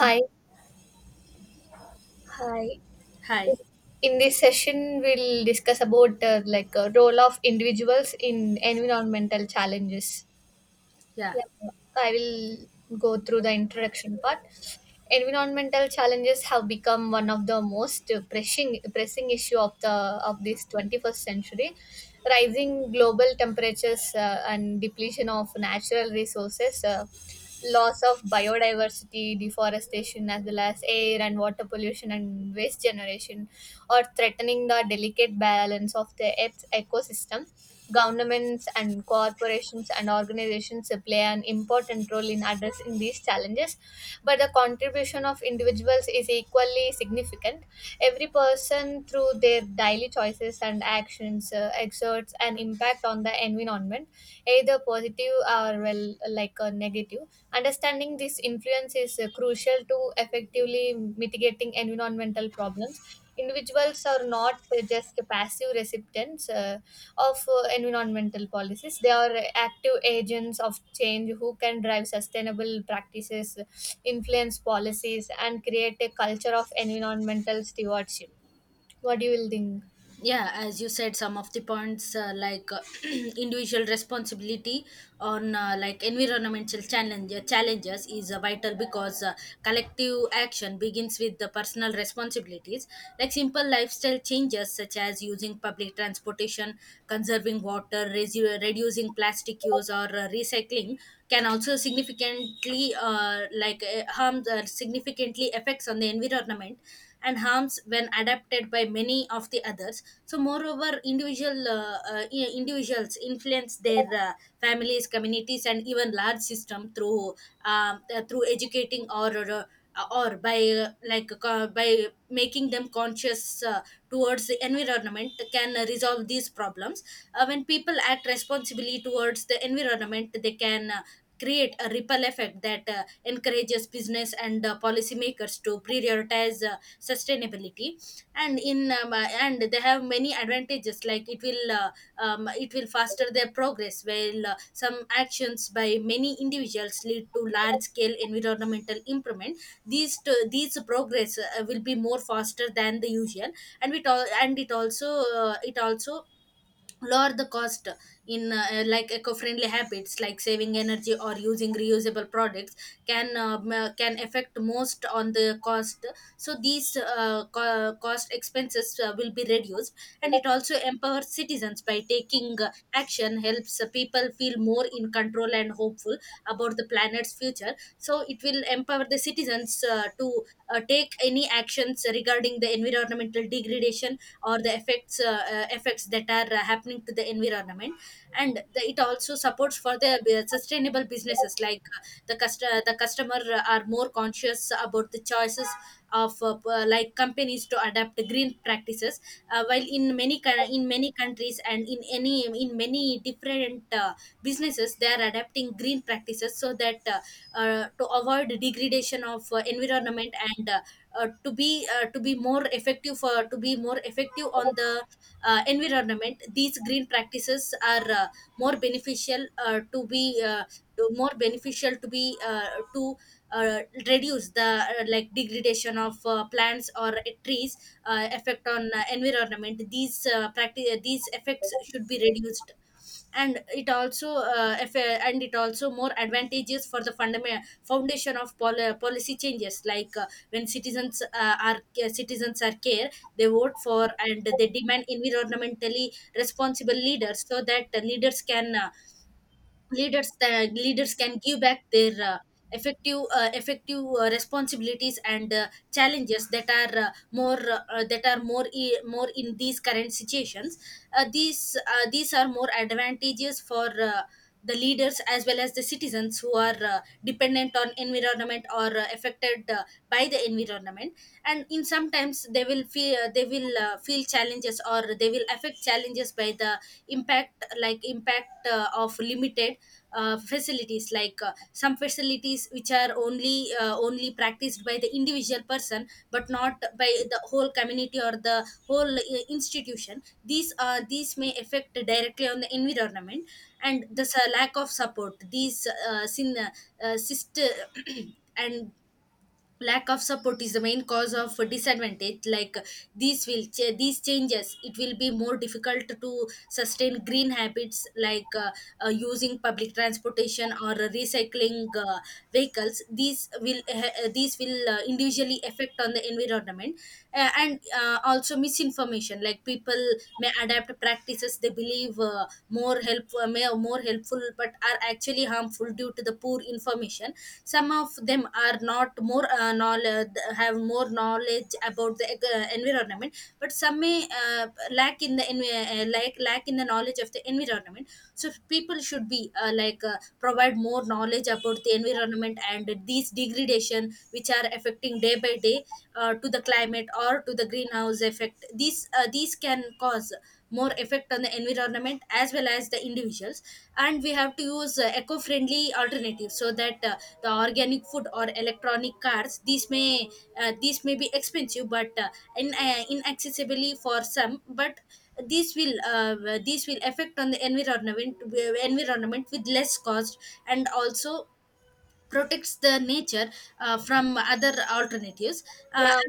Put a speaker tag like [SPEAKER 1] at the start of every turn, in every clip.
[SPEAKER 1] Um,
[SPEAKER 2] hi.
[SPEAKER 1] Hi.
[SPEAKER 2] In this session, we'll discuss about like a role of individuals in environmental challenges.
[SPEAKER 1] Yeah.
[SPEAKER 2] Yeah, I will go through the introduction part. Environmental challenges have become one of the most pressing issue of the of this 21st century. Rising global temperatures and depletion of natural resources, loss of biodiversity, deforestation, as well as air and water pollution and waste generation, are threatening the delicate balance of the Earth's ecosystem. Governments and corporations and organizations play an important role in addressing these challenges, but the contribution of individuals is equally significant. Every person, through their daily choices and actions, exerts an impact on the environment, either positive or well, like a negative. Understanding this influence is crucial to effectively mitigating environmental problems. Individuals are not just passive recipients of environmental policies. They are active agents of change who can drive sustainable practices, influence policies, and create a culture of environmental stewardship. What do you will think?
[SPEAKER 1] Yeah. As you said, some of the points individual responsibility on environmental challenges is vital because collective action begins with the personal responsibilities. Like simple lifestyle changes such as using public transportation, conserving water, reducing plastic use, or recycling can also significantly harm the significantly effects on the environment and harms when adapted by many of the others. So moreover individual individuals influence their families, communities, and even large system through through educating, or by making them conscious towards the environment can resolve these problems. When people act responsibly towards the environment, they can create a ripple effect that encourages business and policymakers to prioritize sustainability. And in and they have many advantages, like it will faster their progress. While some actions by many individuals lead to large scale environmental improvement, these progress will be more faster than the usual. And it all and it also lower the cost in like eco-friendly habits like saving energy or using reusable products. Can affect most on the cost, so these cost expenses will be reduced. And it also empowers citizens by taking action, helps people feel more in control and hopeful about the planet's future. So it will empower the citizens to take any actions regarding the environmental degradation or the effects, effects that are happening to the environment. And the, it also supports for the sustainable businesses, like the customer are more conscious about the choices of companies to adapt green practices. Uh, while in many coun- in many countries and in many different businesses, they are adapting green practices so that to avoid degradation of environment, and to be more effective for to be more effective on the environment. These green practices are more beneficial more beneficial to be to uh, reduce the like degradation of plants or trees effect on environment. These effects should be reduced. And it also more advantageous for the fundamental foundation of policy changes, like when citizens are care, they vote for and they demand environmentally responsible leaders, so that the leaders can leaders the leaders can give back their effective responsibilities and challenges that are more more in these current situations. These are more advantageous for the leaders as well as the citizens, who are dependent on environment, or affected by the environment. And in sometimes they will feel challenges, or they will affect challenges by the impact, of limited facilities, like some facilities which are only only practiced by the individual person, but not by the whole community or the whole institution. These may affect directly on the environment. And lack of support, uh, syst- and lack of support is the main cause of disadvantage. Like these changes, it will be more difficult to sustain green habits, like using public transportation or recycling vehicles. These will individually affect on the environment. And Also misinformation, like people may adapt practices they believe more help may are more helpful, but are actually harmful due to the poor information. Some of them are not more knowledge have more knowledge about the environment, but some may uh, lack in the knowledge of the environment. So people should be provide more knowledge about the environment, and these degradation which are affecting day by day to the climate or to the greenhouse effect. These can cause more effect on the environment as well as the individuals. And we have to use eco-friendly alternatives, so that the organic food or electronic cars, these may be expensive, but inaccessibly for some, but these will affect on the environment with less cost. And also protects the nature from other alternatives. uh,
[SPEAKER 2] Yeah,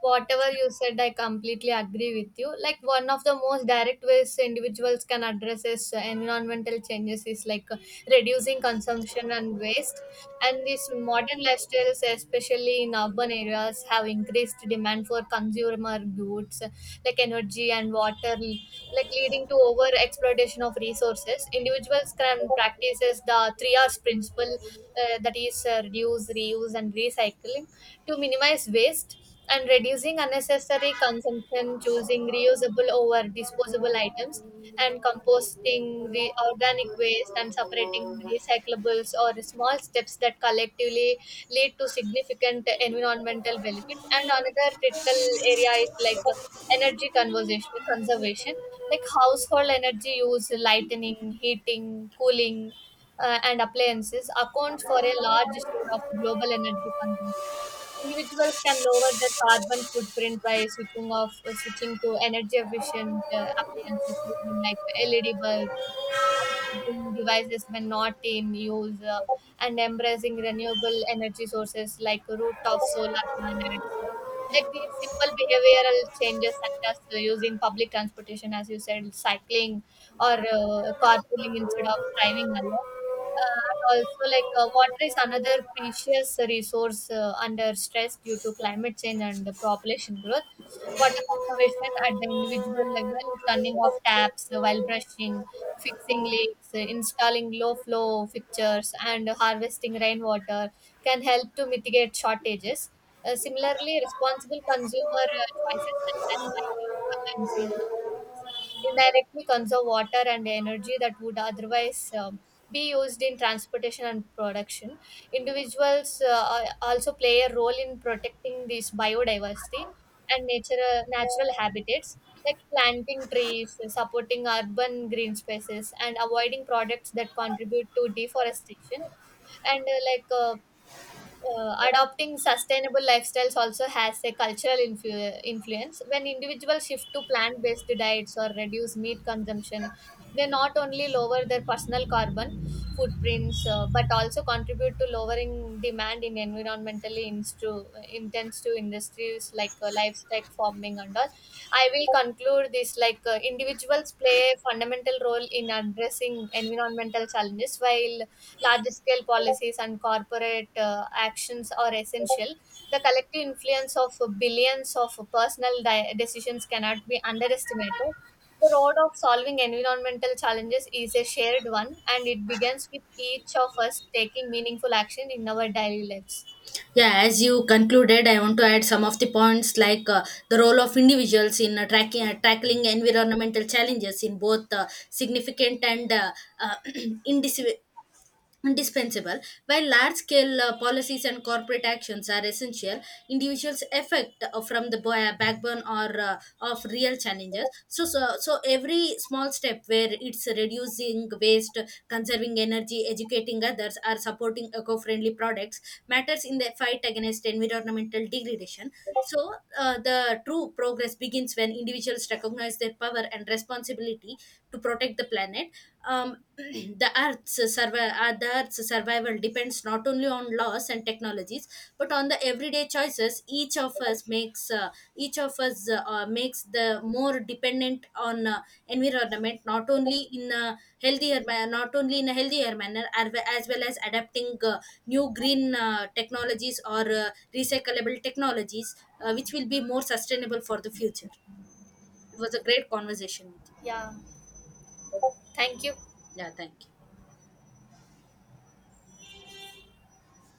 [SPEAKER 2] whatever you said, I completely agree with you. Like one of the most direct ways individuals can address is environmental changes is reducing consumption and waste. And these modern lifestyles, especially in urban areas, have increased demand for consumer goods like energy and water, like leading to over exploitation of resources. Individuals can practices the three R's principle, that is reduce, reuse, and recycle to minimize waste and reducing unnecessary consumption, choosing reusable over disposable items, and composting the organic waste and separating recyclables or small steps that collectively lead to significant environmental benefits. And another critical area is energy conservation, like household energy use, lighting, heating, cooling, and appliances accounts for a large share of global energy consumption. Individuals can lower their carbon footprint by switching to energy efficient appliances using like LED bulbs, unplugging devices when not in use, and embracing renewable energy sources like rooftop solar planets. Like these simple behavioral changes, such as using public transportation, as you said, cycling or carpooling instead of driving alone, and also, water is another precious resource under stress due to climate change and population growth. Water conservation at the individual level, turning off taps while brushing, fixing leaks, installing low flow fixtures, and harvesting rainwater can help to mitigate shortages. Similarly, responsible consumer choices such as buying local and seasonal produce indirectly conserve water and energy that would otherwise be used in transportation and production. Individuals also play a role in protecting this biodiversity and nature natural habitats like planting trees, supporting urban green spaces, and avoiding products that contribute to deforestation and like adopting sustainable lifestyles also has a cultural influence. When individuals shift to plant-based diets or reduce meat consumption, they not only lower their personal carbon footprints but also contribute to lowering demand in environmentally intensive industries like livestock farming and all. I will conclude this like individuals play a fundamental role in addressing environmental challenges. While large scale policies and corporate actions are essential, the collective influence of billions of personal decisions cannot be underestimated. The road of solving environmental challenges is a shared one, and it begins with each of us taking meaningful action in our daily lives.
[SPEAKER 1] Yeah, as you concluded, I want to add some of the points, like the role of individuals in tackling environmental challenges in both significant and uh, indis- indispensable. While large scale policies and corporate actions are essential, individuals affect from the backbone or of real challenges. So every small step, where it's reducing waste, conserving energy, educating others, or supporting eco friendly products, matters in the fight against environmental degradation. So, the true progress begins when individuals recognize their power and responsibility to protect the planet. The Earth's survival depends not only on laws and technologies, but on the everyday choices each of us makes. Each of us makes the more dependent on environment, not only in a not only in a healthier manner as well as adapting new green technologies, or recyclable technologies which will be more sustainable for the future. It was a great conversation with
[SPEAKER 2] Yeah, thank you.
[SPEAKER 1] you. Yeah, thank you.